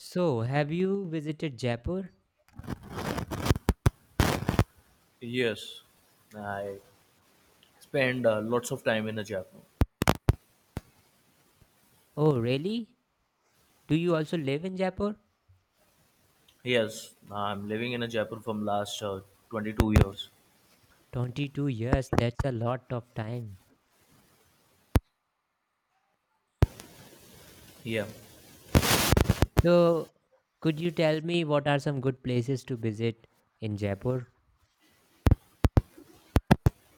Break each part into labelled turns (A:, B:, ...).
A: So, have you visited Jaipur?
B: Yes, I spend lots of time in a Jaipur.
A: Oh, really? Do you also live in Jaipur?
B: Yes, I'm living in a Jaipur from last 22 years.
A: 22 years, that's a lot of time.
B: Yeah,
A: So, could you tell me what are some good places to visit in Jaipur?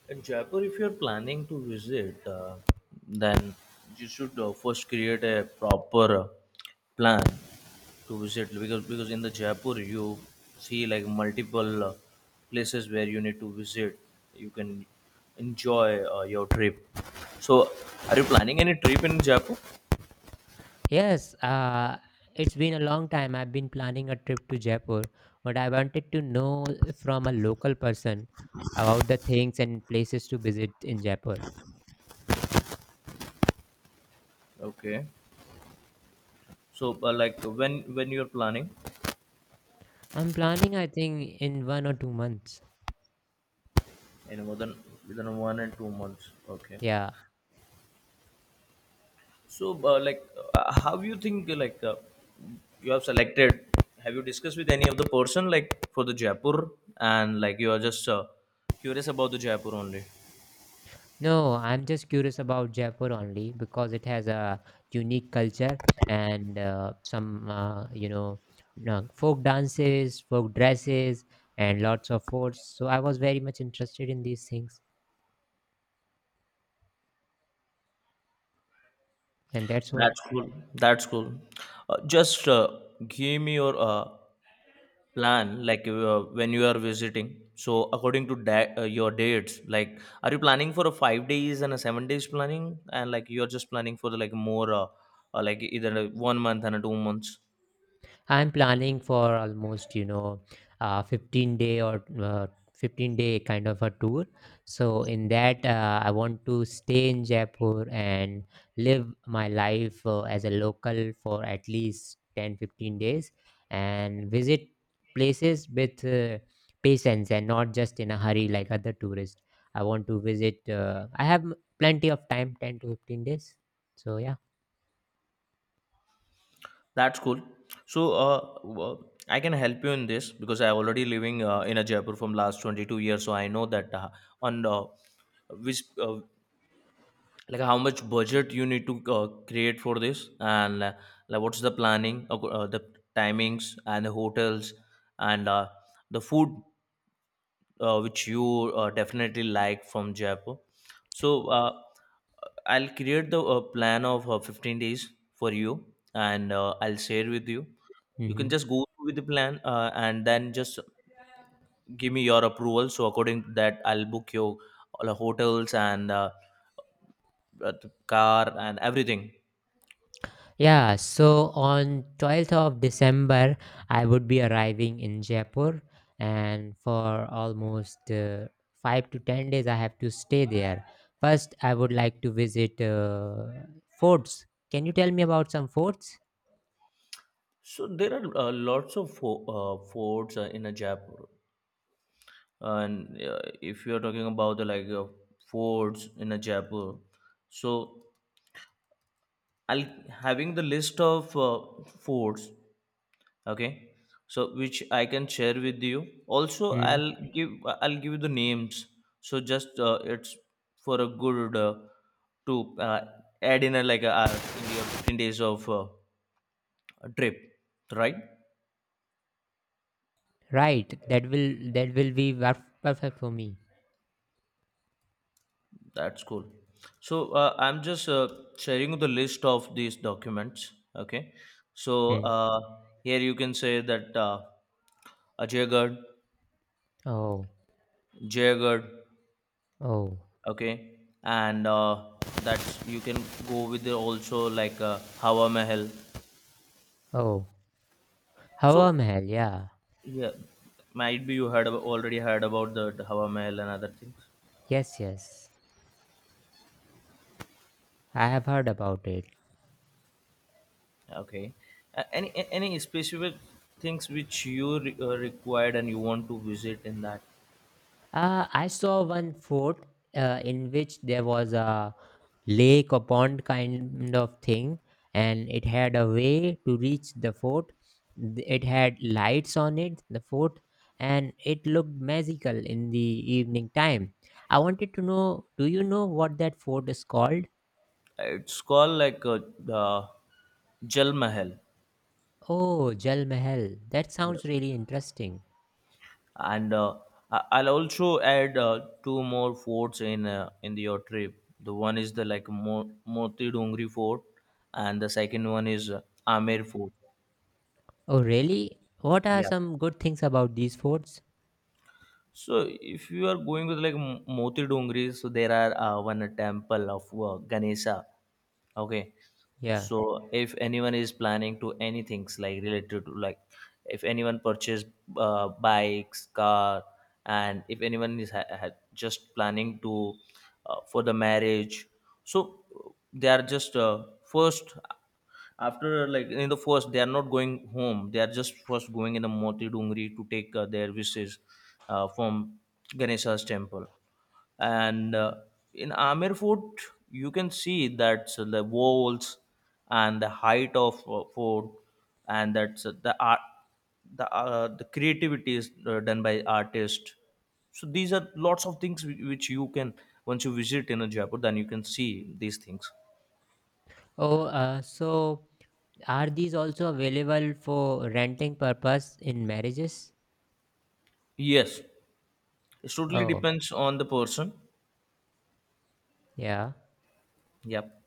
B: in Jaipur, if you're planning to visit, then you should first create a proper plan to visit because in the Jaipur you see like multiple places where you need to visit. You can enjoy your trip. So, are you planning any trip in Jaipur?
A: Yes, it's been a long time. I've been planning a trip to Jaipur, but I wanted to know from a local person about the things and places to visit in Jaipur.
B: Okay. So, like when you're planning
A: I'm planning, I think, in 1 or 2 months.
B: in more than within 1 and 2 months, okay.
A: Yeah.
B: So, like, how you think like you have selected? Have you discussed with any of the person like for the Jaipur and like you are just curious about the Jaipur only?
A: No, I'm just curious about Jaipur only because it has a unique culture and some folk dances, folk dresses, and lots of forts. So I was very much interested in these things, and that's what.
B: That's cool. That's cool. Just give me your plan like when you are visiting, so according to your dates, like are you planning for a 5 days and a 7 days planning and like you're just planning for the, like more like either a 1 month and a 2 months.
A: I'm planning for almost, you know, 15 day or 15 day kind of a tour. So in that, I want to stay in Jaipur and live my life as a local for at least 10, 15 days and visit places with patience and not just in a hurry like other tourists. I want to visit. I have plenty of time 10 to 15 days. So yeah.
B: That's cool. So I can help you in this because I already living in a Jaipur from last 22 years, so I know that on which like how much budget you need to create for this, and like what's the planning the timings and the hotels and the food which you definitely like from Jaipur. So uh, I'll create the plan of 15 days for you, and I'll share with you. You can
A: Mhm.
B: just go with the plan and then just give me your approval, so according to that I'll book your all the hotels and the car and everything.
A: Yeah, so on 12th of December, I would be arriving in Jaipur, and for almost 5 to 10 days, I have to stay there. First, I would like to visit forts. Can you tell me about some forts?
B: So there are lots of forts in a Jaipur, and if you are talking about the like forts in a Jaipur, so I'll having the list of forts. Okay, so which I can share with you. Also,
A: Hmm.
B: I'll give you the names. So just it's for a good to add in a, like a hour in your 15 days of trip, right?
A: Right, that will be perfect for me.
B: That's cool. So I'm just sharing the list of these documents. Okay. So
A: Hmm.
B: here you can say that Ajaygarh,
A: Oh,
B: Jaygarh,
A: oh,
B: okay, and that you can go with the also like Hawa Mahal.
A: oh. Hawa
B: So
A: Mahal, yeah.
B: yeah, might be you heard about, already heard about the Hawa Mahal and other things.
A: Yes, yes. I have heard about it.
B: Okay. Any specific things which you required and you want to visit in that?
A: I saw one fort in which there was a lake or pond kind of thing, and it had a way to reach the fort. It had lights on it, the fort, and it looked magical in the evening time. I wanted to know, do you know what that fort is called?
B: It's called like uh, Jal Mahal.
A: Oh, Jal Mahal. That
B: Yeah,
A: sounds really interesting.
B: and I'll also add two more forts in your trip. The one is the like Moti Dongri Fort, and the second one is Amer Fort.
A: Oh, really? What are
B: Yeah.
A: some good things about these forts?
B: So if you are going with like Moti Dongri, so there are one temple of Ganesha. Okay,
A: Yeah.
B: so if anyone is planning to any things like related to like if anyone purchase bikes car, and if anyone is just planning to for the marriage, so they are just first, after like in the first they are not going home, they are just first going in the Moti Dungri to take their wishes from Ganesha's temple. And in Amer Fort you can see that the walls and the height of fort, and that's the art, the creativity is done by artists. So these are lots of things which you can once you visit in a Jaipur, then you can see these things.
A: Oh, uh, so Are these also available for renting purpose in marriages?
B: Yes. It totally
A: Oh,
B: depends on the person.
A: yeah.
B: Yep.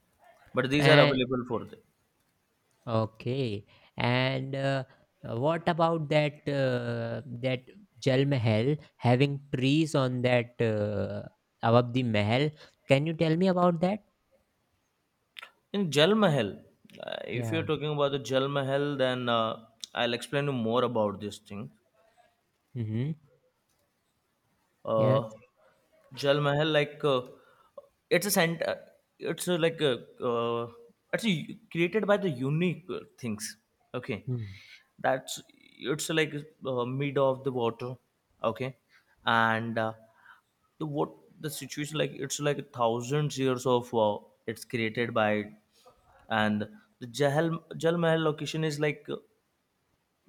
B: But these are
A: And
B: available for the.
A: okay. And what about that Jal Mahal having trees on that above the Mahal? Can you tell me about that?
B: In Jal Mahal, if you're
A: Yeah.
B: talking about the Jal Mahal, then I'll explain you more about this thing.
A: Mm-hmm.
B: Uh,
A: Yes.
B: Jal Mahal, like it's a center. It's a, like a it's a, created by the unique things. Okay,
A: Mm.
B: that's it's like mid of the water, okay, and the what the situation like, it's like thousands years of it's created by it. And the jahal Jal Mahal location is like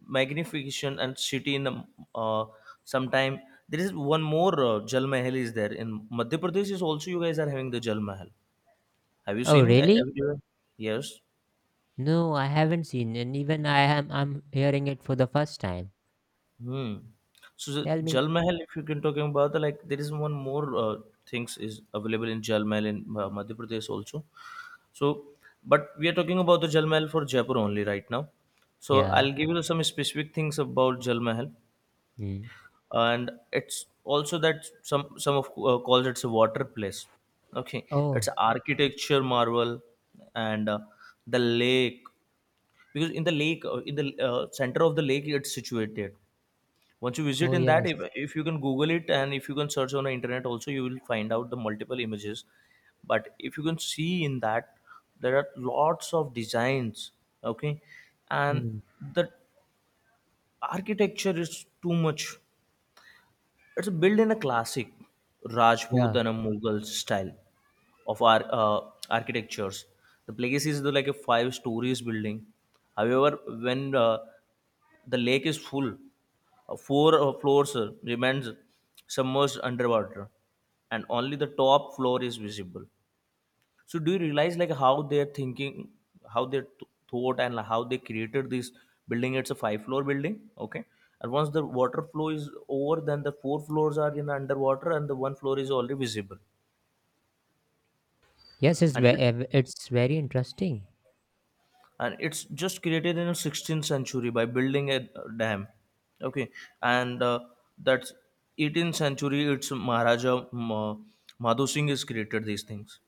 B: magnification and city in uh, sometime. There is one more Jal Mahal is there in Madhya Pradesh, is also you guys are having the Jal Mahal. Have you
A: Oh,
B: seen
A: really?
B: everywhere? Yes.
A: No, I haven't seen, and even I'm hearing it for the first time.
B: Hmm. So, the
A: Tell me.
B: Jal Mahal, if you can talking about the like, there is one more things is available in Jal Mahal in Madhya Pradesh also. So, but we are talking about the Jal Mahal for Jaipur only right now. So,
A: Yeah.
B: I'll give you some specific things about Jal Mahal,
A: Mm.
B: and it's also that some of calls it's a water place. Okay, it's
A: Oh.
B: architecture marvel, and the lake, because in the lake in the center of the lake it's situated. Once you visit
A: Oh,
B: in that,
A: yes.
B: if you can google it and if you can search on the internet also, you will find out the multiple images. But if you can see in that, there are lots of designs, okay, and
A: Mm.
B: the architecture is too much. It's built in a classic Rajput
A: Yeah.
B: and a Mughal style of our architectures. The place is the, like a five stories building. However, when the lake is full, four floors remains submerged underwater, and only the top floor is visible. So do you realize like how they're thinking, how they thought, and how they created this building? It's a five floor building, okay, and once the water flow is over, then the four floors are in underwater and the one floor is already visible.
A: Yes, it's
B: And
A: ve-
B: it,
A: ev- it's very interesting.
B: and it's just created in 16th century by building a dam, okay, and that's 18th century it's Maharaja Madhu Singh has created these things.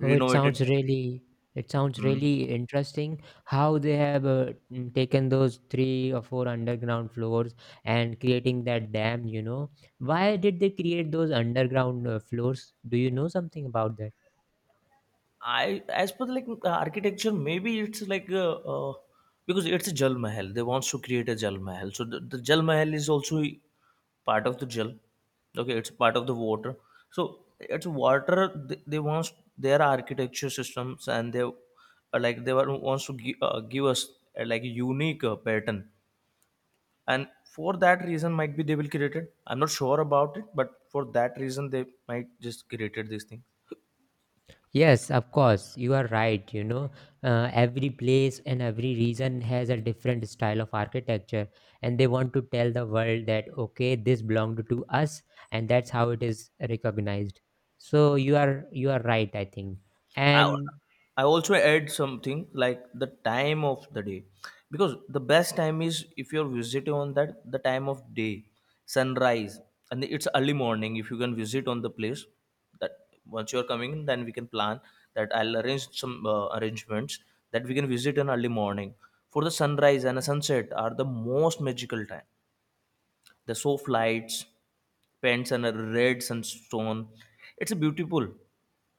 A: Oh, it sounds really it sounds
B: Hmm.
A: really interesting how they have taken those three or four underground floors and creating that dam. You know, why did they create those underground floors? Do you know something about that?
B: I as per the, like architecture, maybe it's like because it's a Jal Mahal. They wants to create a Jal Mahal, so the Jal Mahal is also part of the Jal. Okay, it's part of the water. So it's water. They wants their architecture systems, and they like they were, wants to give, give us like a unique pattern. And for that reason, might be they will create it. I'm not sure about it, but for that reason, they might just created these things.
A: Yes, of course, you are right. You know, every place and every region has a different style of architecture, and they want to tell the world that okay, this belonged to us, and that's how it is recognized. So you are right, I think.
B: I,
A: And
B: I also add something like the time of the day, because the best time is if you're visiting on that the time of day, sunrise, and it's early morning, if you can visit on the place. That once you're coming, then we can plan that I'll arrange some arrangements that we can visit in early morning, for the sunrise and a sunset are the most magical time. The soft lights, pens, and a red sunstone, it's a beautiful.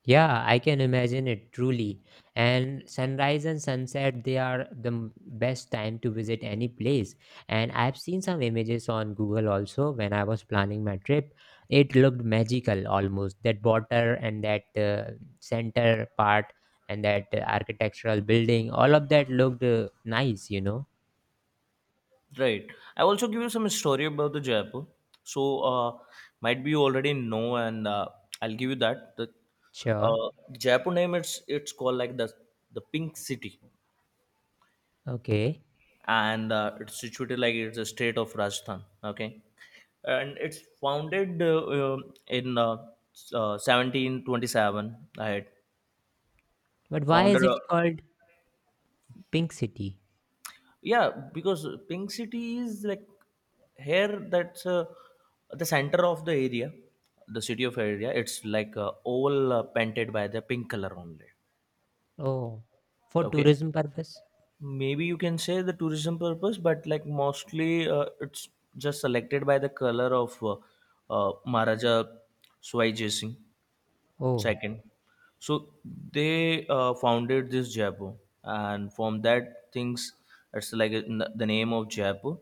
A: yeah, I can imagine it truly. And sunrise and sunset, they are the best time to visit any place. And I've seen some images on Google also when I was planning my trip. It looked magical almost. That water and that center part and that architectural building, all of that looked nice, you know.
B: Right. I also give you some story about the Jaipur. So might be you already know, and I'll give you that. The
A: Sure.
B: Jaipur name, it's called like the Pink City,
A: Okay.
B: and it's situated like, it's a state of Rajasthan. Okay, and it's founded um, in uh, 1727. I had
A: But why is
B: founder.
A: it called Pink City?
B: Yeah, because Pink City is like, here that's the center of the area, the city of area, it's like all painted by the pink color only.
A: Oh, for
B: Okay,
A: tourism purpose?
B: maybe you can say the tourism purpose, but like mostly it's just selected by the color of Maharaja Swai Jai Singh
A: Oh,
B: Second. So they founded this Jaipur, and from that things it's like the name of Jaipur.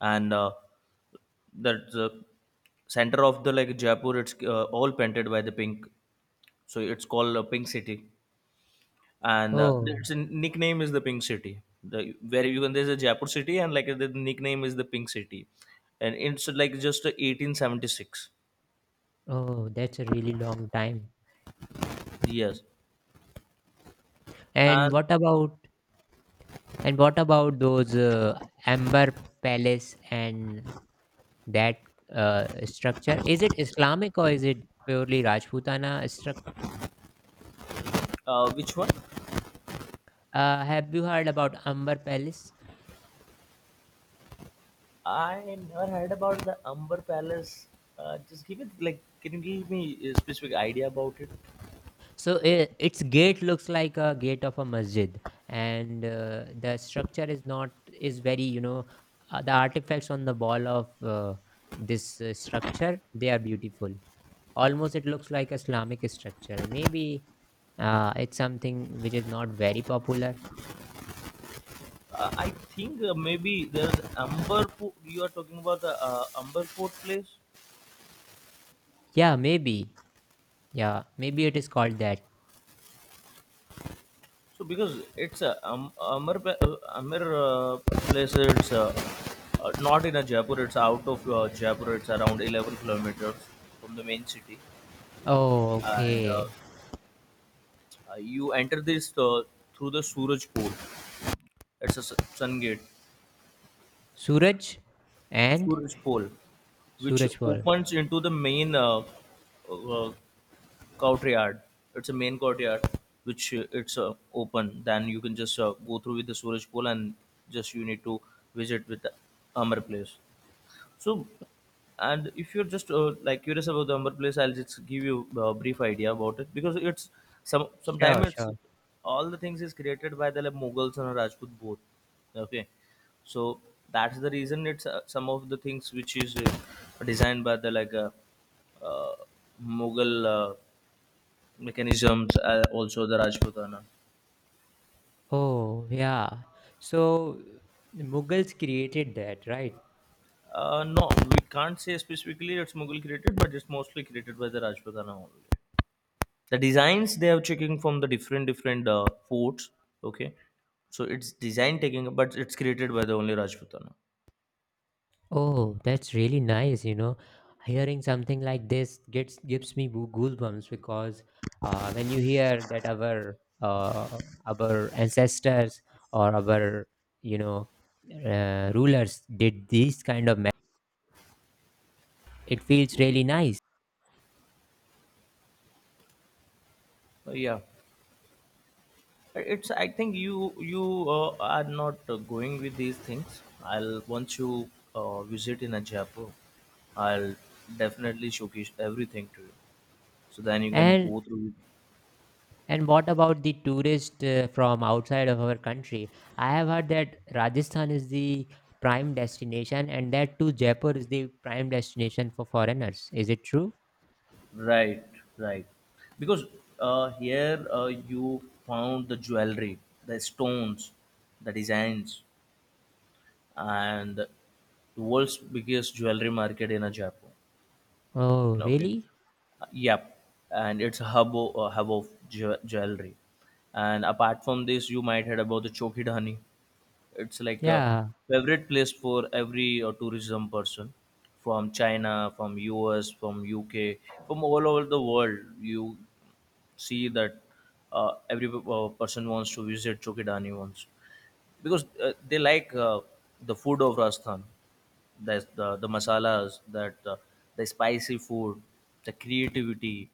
B: And that's the center of the like Jaipur, it's all painted by the pink, so it's called Pink City. And
A: oh.
B: its nickname is the Pink City, the where you can, there's a Jaipur city, and like the nickname is the Pink City. And it's like just 1876.
A: Oh, that's a really long time.
B: Yes,
A: And
B: and
A: what about and what about those Amber Palace and that structure? Is it Islamic or is it purely Rajputana structure?
B: which one?
A: Have you heard about Amber Palace?
B: I never heard about the Amber Palace. Just give it like, can you give me a specific idea about it?
A: So I its gate looks like a gate of a masjid, and the structure is not is very you know the artifacts on the wall of this structure they are beautiful. Almost it looks like Islamic structure. Maybe it's something which is not very popular.
B: I think maybe there's Amber. You are talking about the Amber Fort place.
A: Yeah, maybe. Yeah, maybe it is called that.
B: So because it's a Amber place. It's not in a Jaipur. It's out of Jaipur. It's around 11 kilometers from the main city,
A: Oh,
B: and
A: okay.
B: you enter this through the Suraj Port. It's a sun gate,
A: Suraj and
B: Suraj Pole, which
A: Surajpur.
B: opens into the main uh, courtyard. It's a main courtyard, which it's open. Then you can just go through with the Suraj Pole, and just you need to visit with the Amar place. So, and if you're just curious about the Umber place, I'll just give you a brief idea about it because it's some sometime
A: Sure,
B: it's
A: sure.
B: all the things is created by Mughals and Rajput both. Okay, so that's the reason it's some of the things which is designed by the uh, Mughal mechanisms, also the Rajputana.
A: Oh, yeah. So Mughals created that, right?
B: No, we can't say specifically it's Mughal created, but it's mostly created by the Rajputana only. The designs they are checking from the different different forts. Okay, so it's design taking but it's created by the only Rajputana.
A: Oh, that's really nice. You know, hearing something like this gets gives me goo- goosebumps because when you hear that our ancestors or our you know rulers did these kind of, it feels really nice.
B: Yeah, it's I think you are not going with these things. I'll once you visit in Ajapur, I'll definitely showcase everything to you, so then you can
A: And
B: go through it.
A: and what about the tourist from outside of our country? I have heard that Rajasthan is the prime destination, and that too Jaipur is the prime destination for foreigners. Is it true?
B: right right. Because here you found the jewelry, the stones, the designs, and the world's biggest jewelry market in a Japan.
A: Oh,
B: Okay,
A: really?
B: yep, and it's a a hub of jewelry. And apart from this, you might heard about the Chokidhani. It's like a
A: Yeah,
B: favorite place for every tourism person from China, from US, from UK, from all over the world. You see that every person wants to visit Chokidhani once because they like the food of Rajasthan. There's the masalas, that the spicy food, the creativity.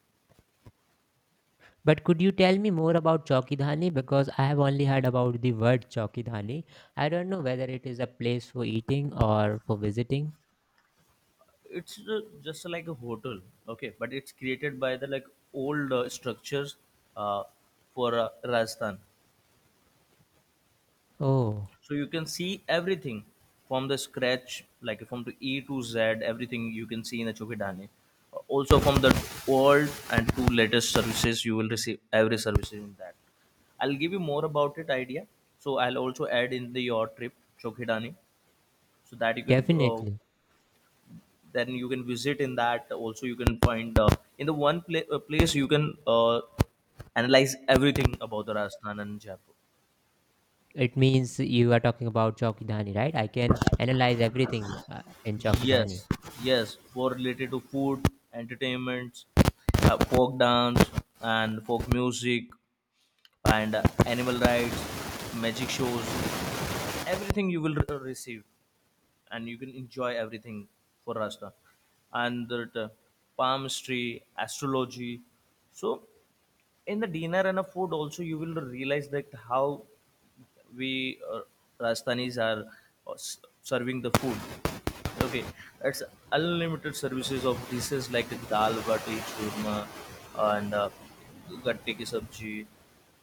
A: but could you tell me more about Chowkidhani? Because I have only heard about the word Chowkidhani. I don't know whether it is a place for eating or for visiting.
B: It's just like a hotel, okay, but it's created by the like old structures uh, for Rajasthan.
A: Oh,
B: So you can see everything from the scratch, like from the E to Z, everything you can see in the Chokidani. Also from the old and two latest services you will receive every service in that. I'll give you more about it idea, so I'll also add in the your trip Chokidani, so that you can uh,
A: definitely.
B: then you can visit in that. Also you can find in the one place you can uh, analyze everything about the Rajasthan and Jaipur.
A: It means you are talking about Chowkidhani, right? I can analyze everything in Chowkidhani.
B: Yes, yes, for related to food, entertainments, folk dance and folk music and animal rights, magic shows, everything you will receive and you can enjoy everything for Rasta. And the palmistry, astrology. So in the dinner and the food also you will realize that how we Rajasthanis are serving the food. Okay, it's unlimited services of dishes like dal bati churma and gatte ki sabji,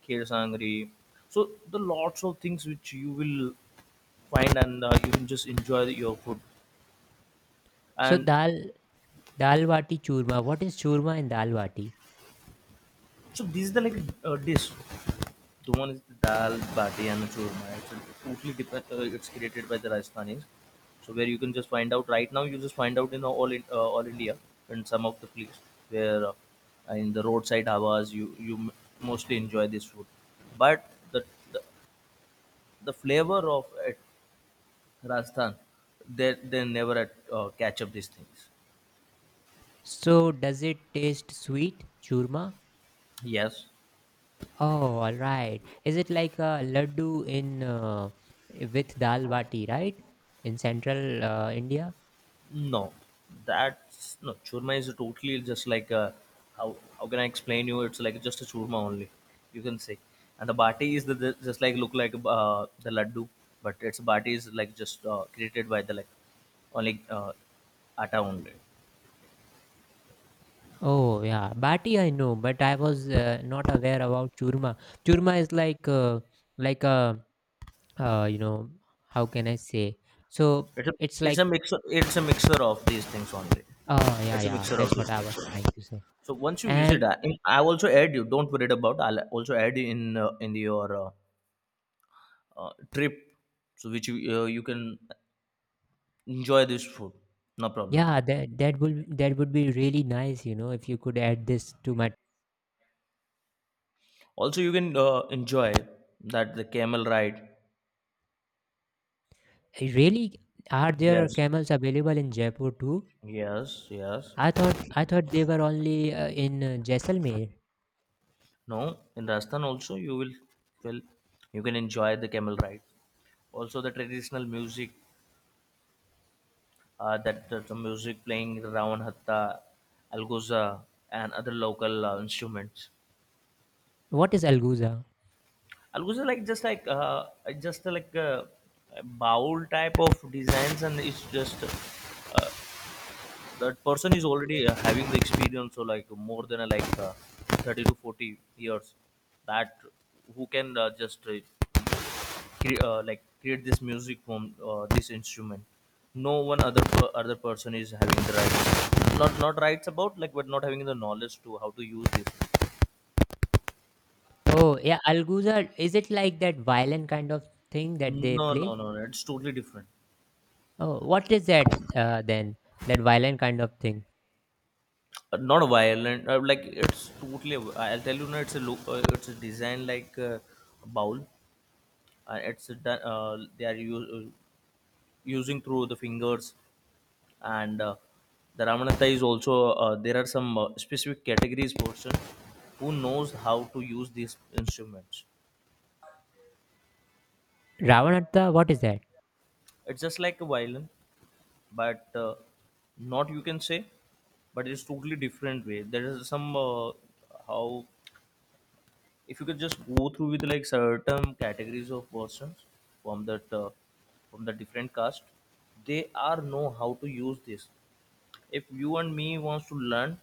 B: kheer sangri. So the lots of things which you will find and you can just enjoy your food.
A: So
B: And
A: dal dal bati churma. What is churma in dal bati?
B: so this is the like dish. The one is the dal bati and the churma. It's totally different. It's created by the Rajasthanis, so where you can just find out right now. You just find out in, all India and some of the place where in the roadside dhabas you mostly enjoy this food, but the, the flavor of it Rajasthan they never catch up these things.
A: So does it taste sweet, churma?
B: Yes.
A: Oh, all right. Is it like a laddu in with dal bati, right? In central India?
B: No, that's no, churma is totally just like a, how can I explain you? It's like just a churma only, you can say. And the bati is the just like look like the laddu, but it's bati is like just created by the like only atta only.
A: Oh, yeah. Bati I know, but I was not aware about churma. Churma is like a you know, how can I say? So
B: It's a
A: it's
B: it's
A: like
B: a mixer. It's a mixer of these things only.
A: yeah,
B: It's a
A: yeah.
B: mixer of
A: That's
B: these
A: what I was
B: things.
A: trying to say.
B: So once you visit,
A: And
B: I also add you. Don't worry about. I'll also add you in your trip, so which you can enjoy this food, no problem.
A: yeah, that would be really nice, you know, if you could add this to my.
B: Also you can enjoy that the camel ride.
A: Really, are there
B: yes
A: camels available in Jaipur too?
B: yes yes
A: I thought they were only in Jaisalmer.
B: No, in Rajasthan also you will you can enjoy the camel ride, also the traditional music, that that the music playing ravan hatta, alguza and other local instruments.
A: What is Alguza?
B: Alguza, like just like a bowl type of designs and it's just uh, that person is already having the experience so like more than 30 to 40 years, that who can just create this music from this instrument. No other person is having the rights, not not rights about like, but not having the knowledge to how to use it.
A: Oh yeah, Alguza. Is it like that violin kind of thing that
B: no
A: they
B: no
A: play?
B: no no, it's totally different.
A: Oh, what is that then? That violin kind of thing.
B: Not violent it's totally I'll tell you now, it's a look it's a design like bowl it's a, they are used using through the fingers and the ramanatha is also there are some specific categories person who knows how to use these instruments.
A: Ravanatta. What is that?
B: It's just like a violin but not you can say, but it's totally different way. There is some how, if you could just go through with like certain categories of persons from that from the different cast, they are know how to use this. If you and me wants to learn,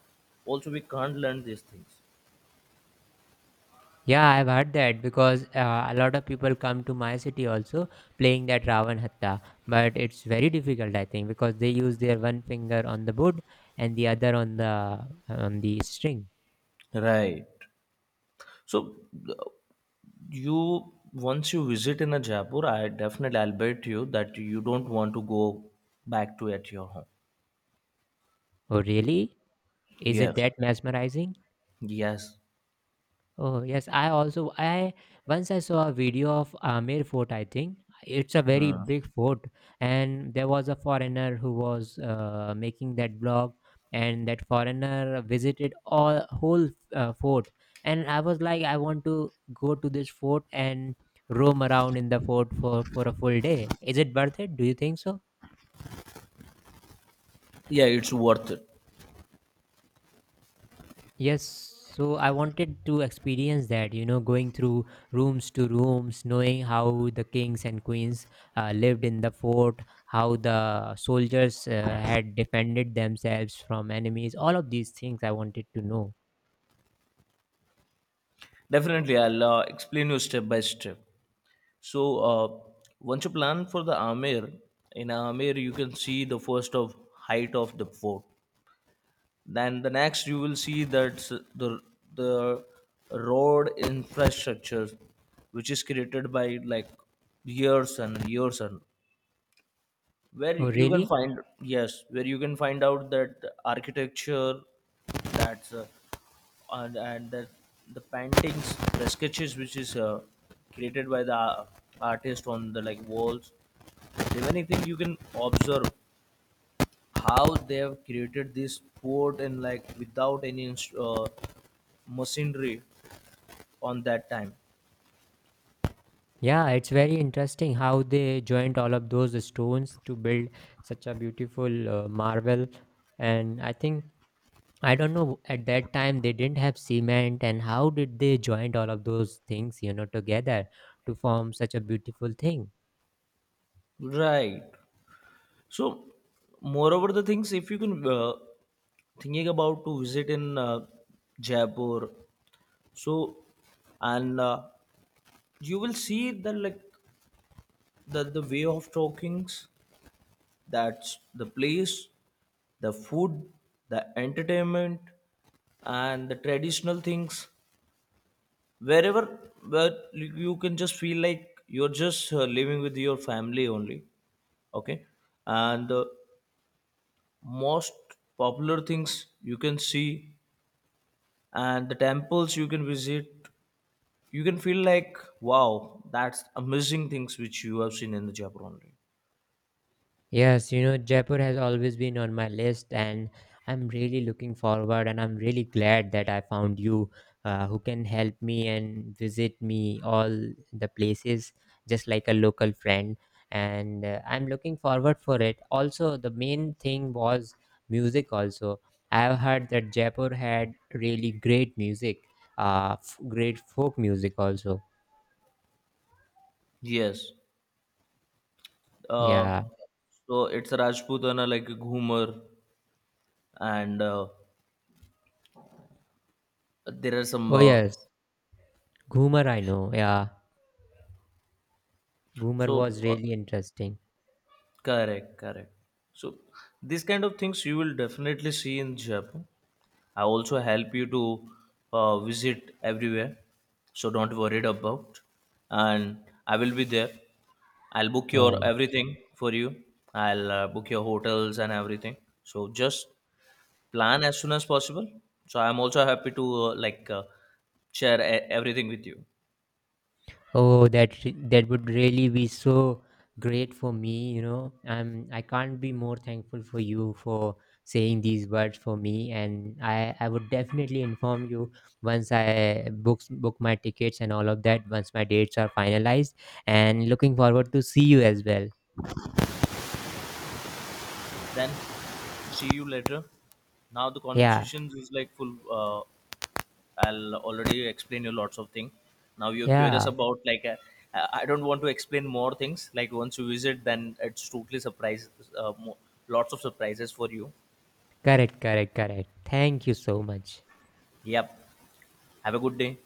B: also we can't learn these things.
A: Yeah, I've heard that because a lot of people come to my city also playing that Ravanatta. But it's very difficult, I think, because they use their one finger on the board and the other on the string.
B: Right. So uh, you, once you visit in a Jaipur, I definitely I'll bet you that you don't want to go back to at your home.
A: Oh, really? Is it
B: Yes.
A: that mesmerizing?
B: Yes.
A: Oh yes, I also I once I saw a video of Amer Fort. I think it's a very
B: Hmm.
A: big fort, and there was a foreigner who was making that blog, and that foreigner visited all whole fort. And I was like, I want to go to this fort and roam around in the fort for a full day. Is it worth it? Do you think so?
B: Yeah, it's worth it.
A: Yes, so I wanted to experience that, you know, going through rooms to rooms, knowing how the kings and queens lived in the fort, how the soldiers had defended themselves from enemies, all of these things I wanted to know.
B: Definitely I'll explain you step by step. So once you plan for the Amer, in Amer you can see the first of height of the fort. Then the next you will see that the road infrastructure, which is created by like years and years, and where
A: Oh,
B: you can
A: really?
B: find, yes, where you can find out that architecture. That's And that the paintings, the sketches which is created by the artist on the like walls. The many thing you can observe how they have created this port and like without any machinery on that time.
A: Yeah, it's very interesting how they joined all of those stones to build such a beautiful marvel. And I think I don't know. At that time, they didn't have cement, and how did they joined all of those things, you know, together to form such a beautiful thing?
B: Right. So, moreover, the things if you can thinking about to visit in Jaipur, so and you will see the like the way of talkings. That's the place, the food, the entertainment, and the traditional things. Wherever, where you can just feel like you're just living with your family only. Okay, and most popular things you can see, and the temples you can visit, you can feel like wow, that's amazing things which you have seen in the Jaipur only.
A: Yes, you know, Jaipur has always been on my list, and I'm really looking forward, and I'm really glad that I found you who can help me and visit me all the places just like a local friend. And I'm looking forward for it. Also, the main thing was music, also. I've heard that Jaipur had really great music, great folk music, also.
B: Yes.
A: Yeah.
B: uh, so it's a Rajputana, like a ghumar, and there are some
A: Oh, yes. Ghumar, I know. Yeah. Ghumar
B: so
A: was really interesting.
B: correct, correct. So these kind of things you will definitely see in Japan. I also help you to visit everywhere, so don't worry about. And I will be there. I'll book your
A: Oh,
B: everything for you. I'll book your hotels and everything. So just plan as soon as possible. So I'm also happy to share everything with you.
A: oh, that would really be so great for me, you know. I can't be more thankful for you for saying these words for me, and I would definitely inform you once I book my tickets and all of that once my dates are finalized. And looking forward to see you as well.
B: Then see you later. Now the
A: Yeah,
B: conversations is like full. I'll already explain you lots of things. Now you're curious
A: yeah,
B: about like I don't want to explain more things. Like once you visit, then it's totally surprise, uh, mo- lots of surprises for you.
A: correct, correct, correct. Thank you so much.
B: Yep. Have a good day.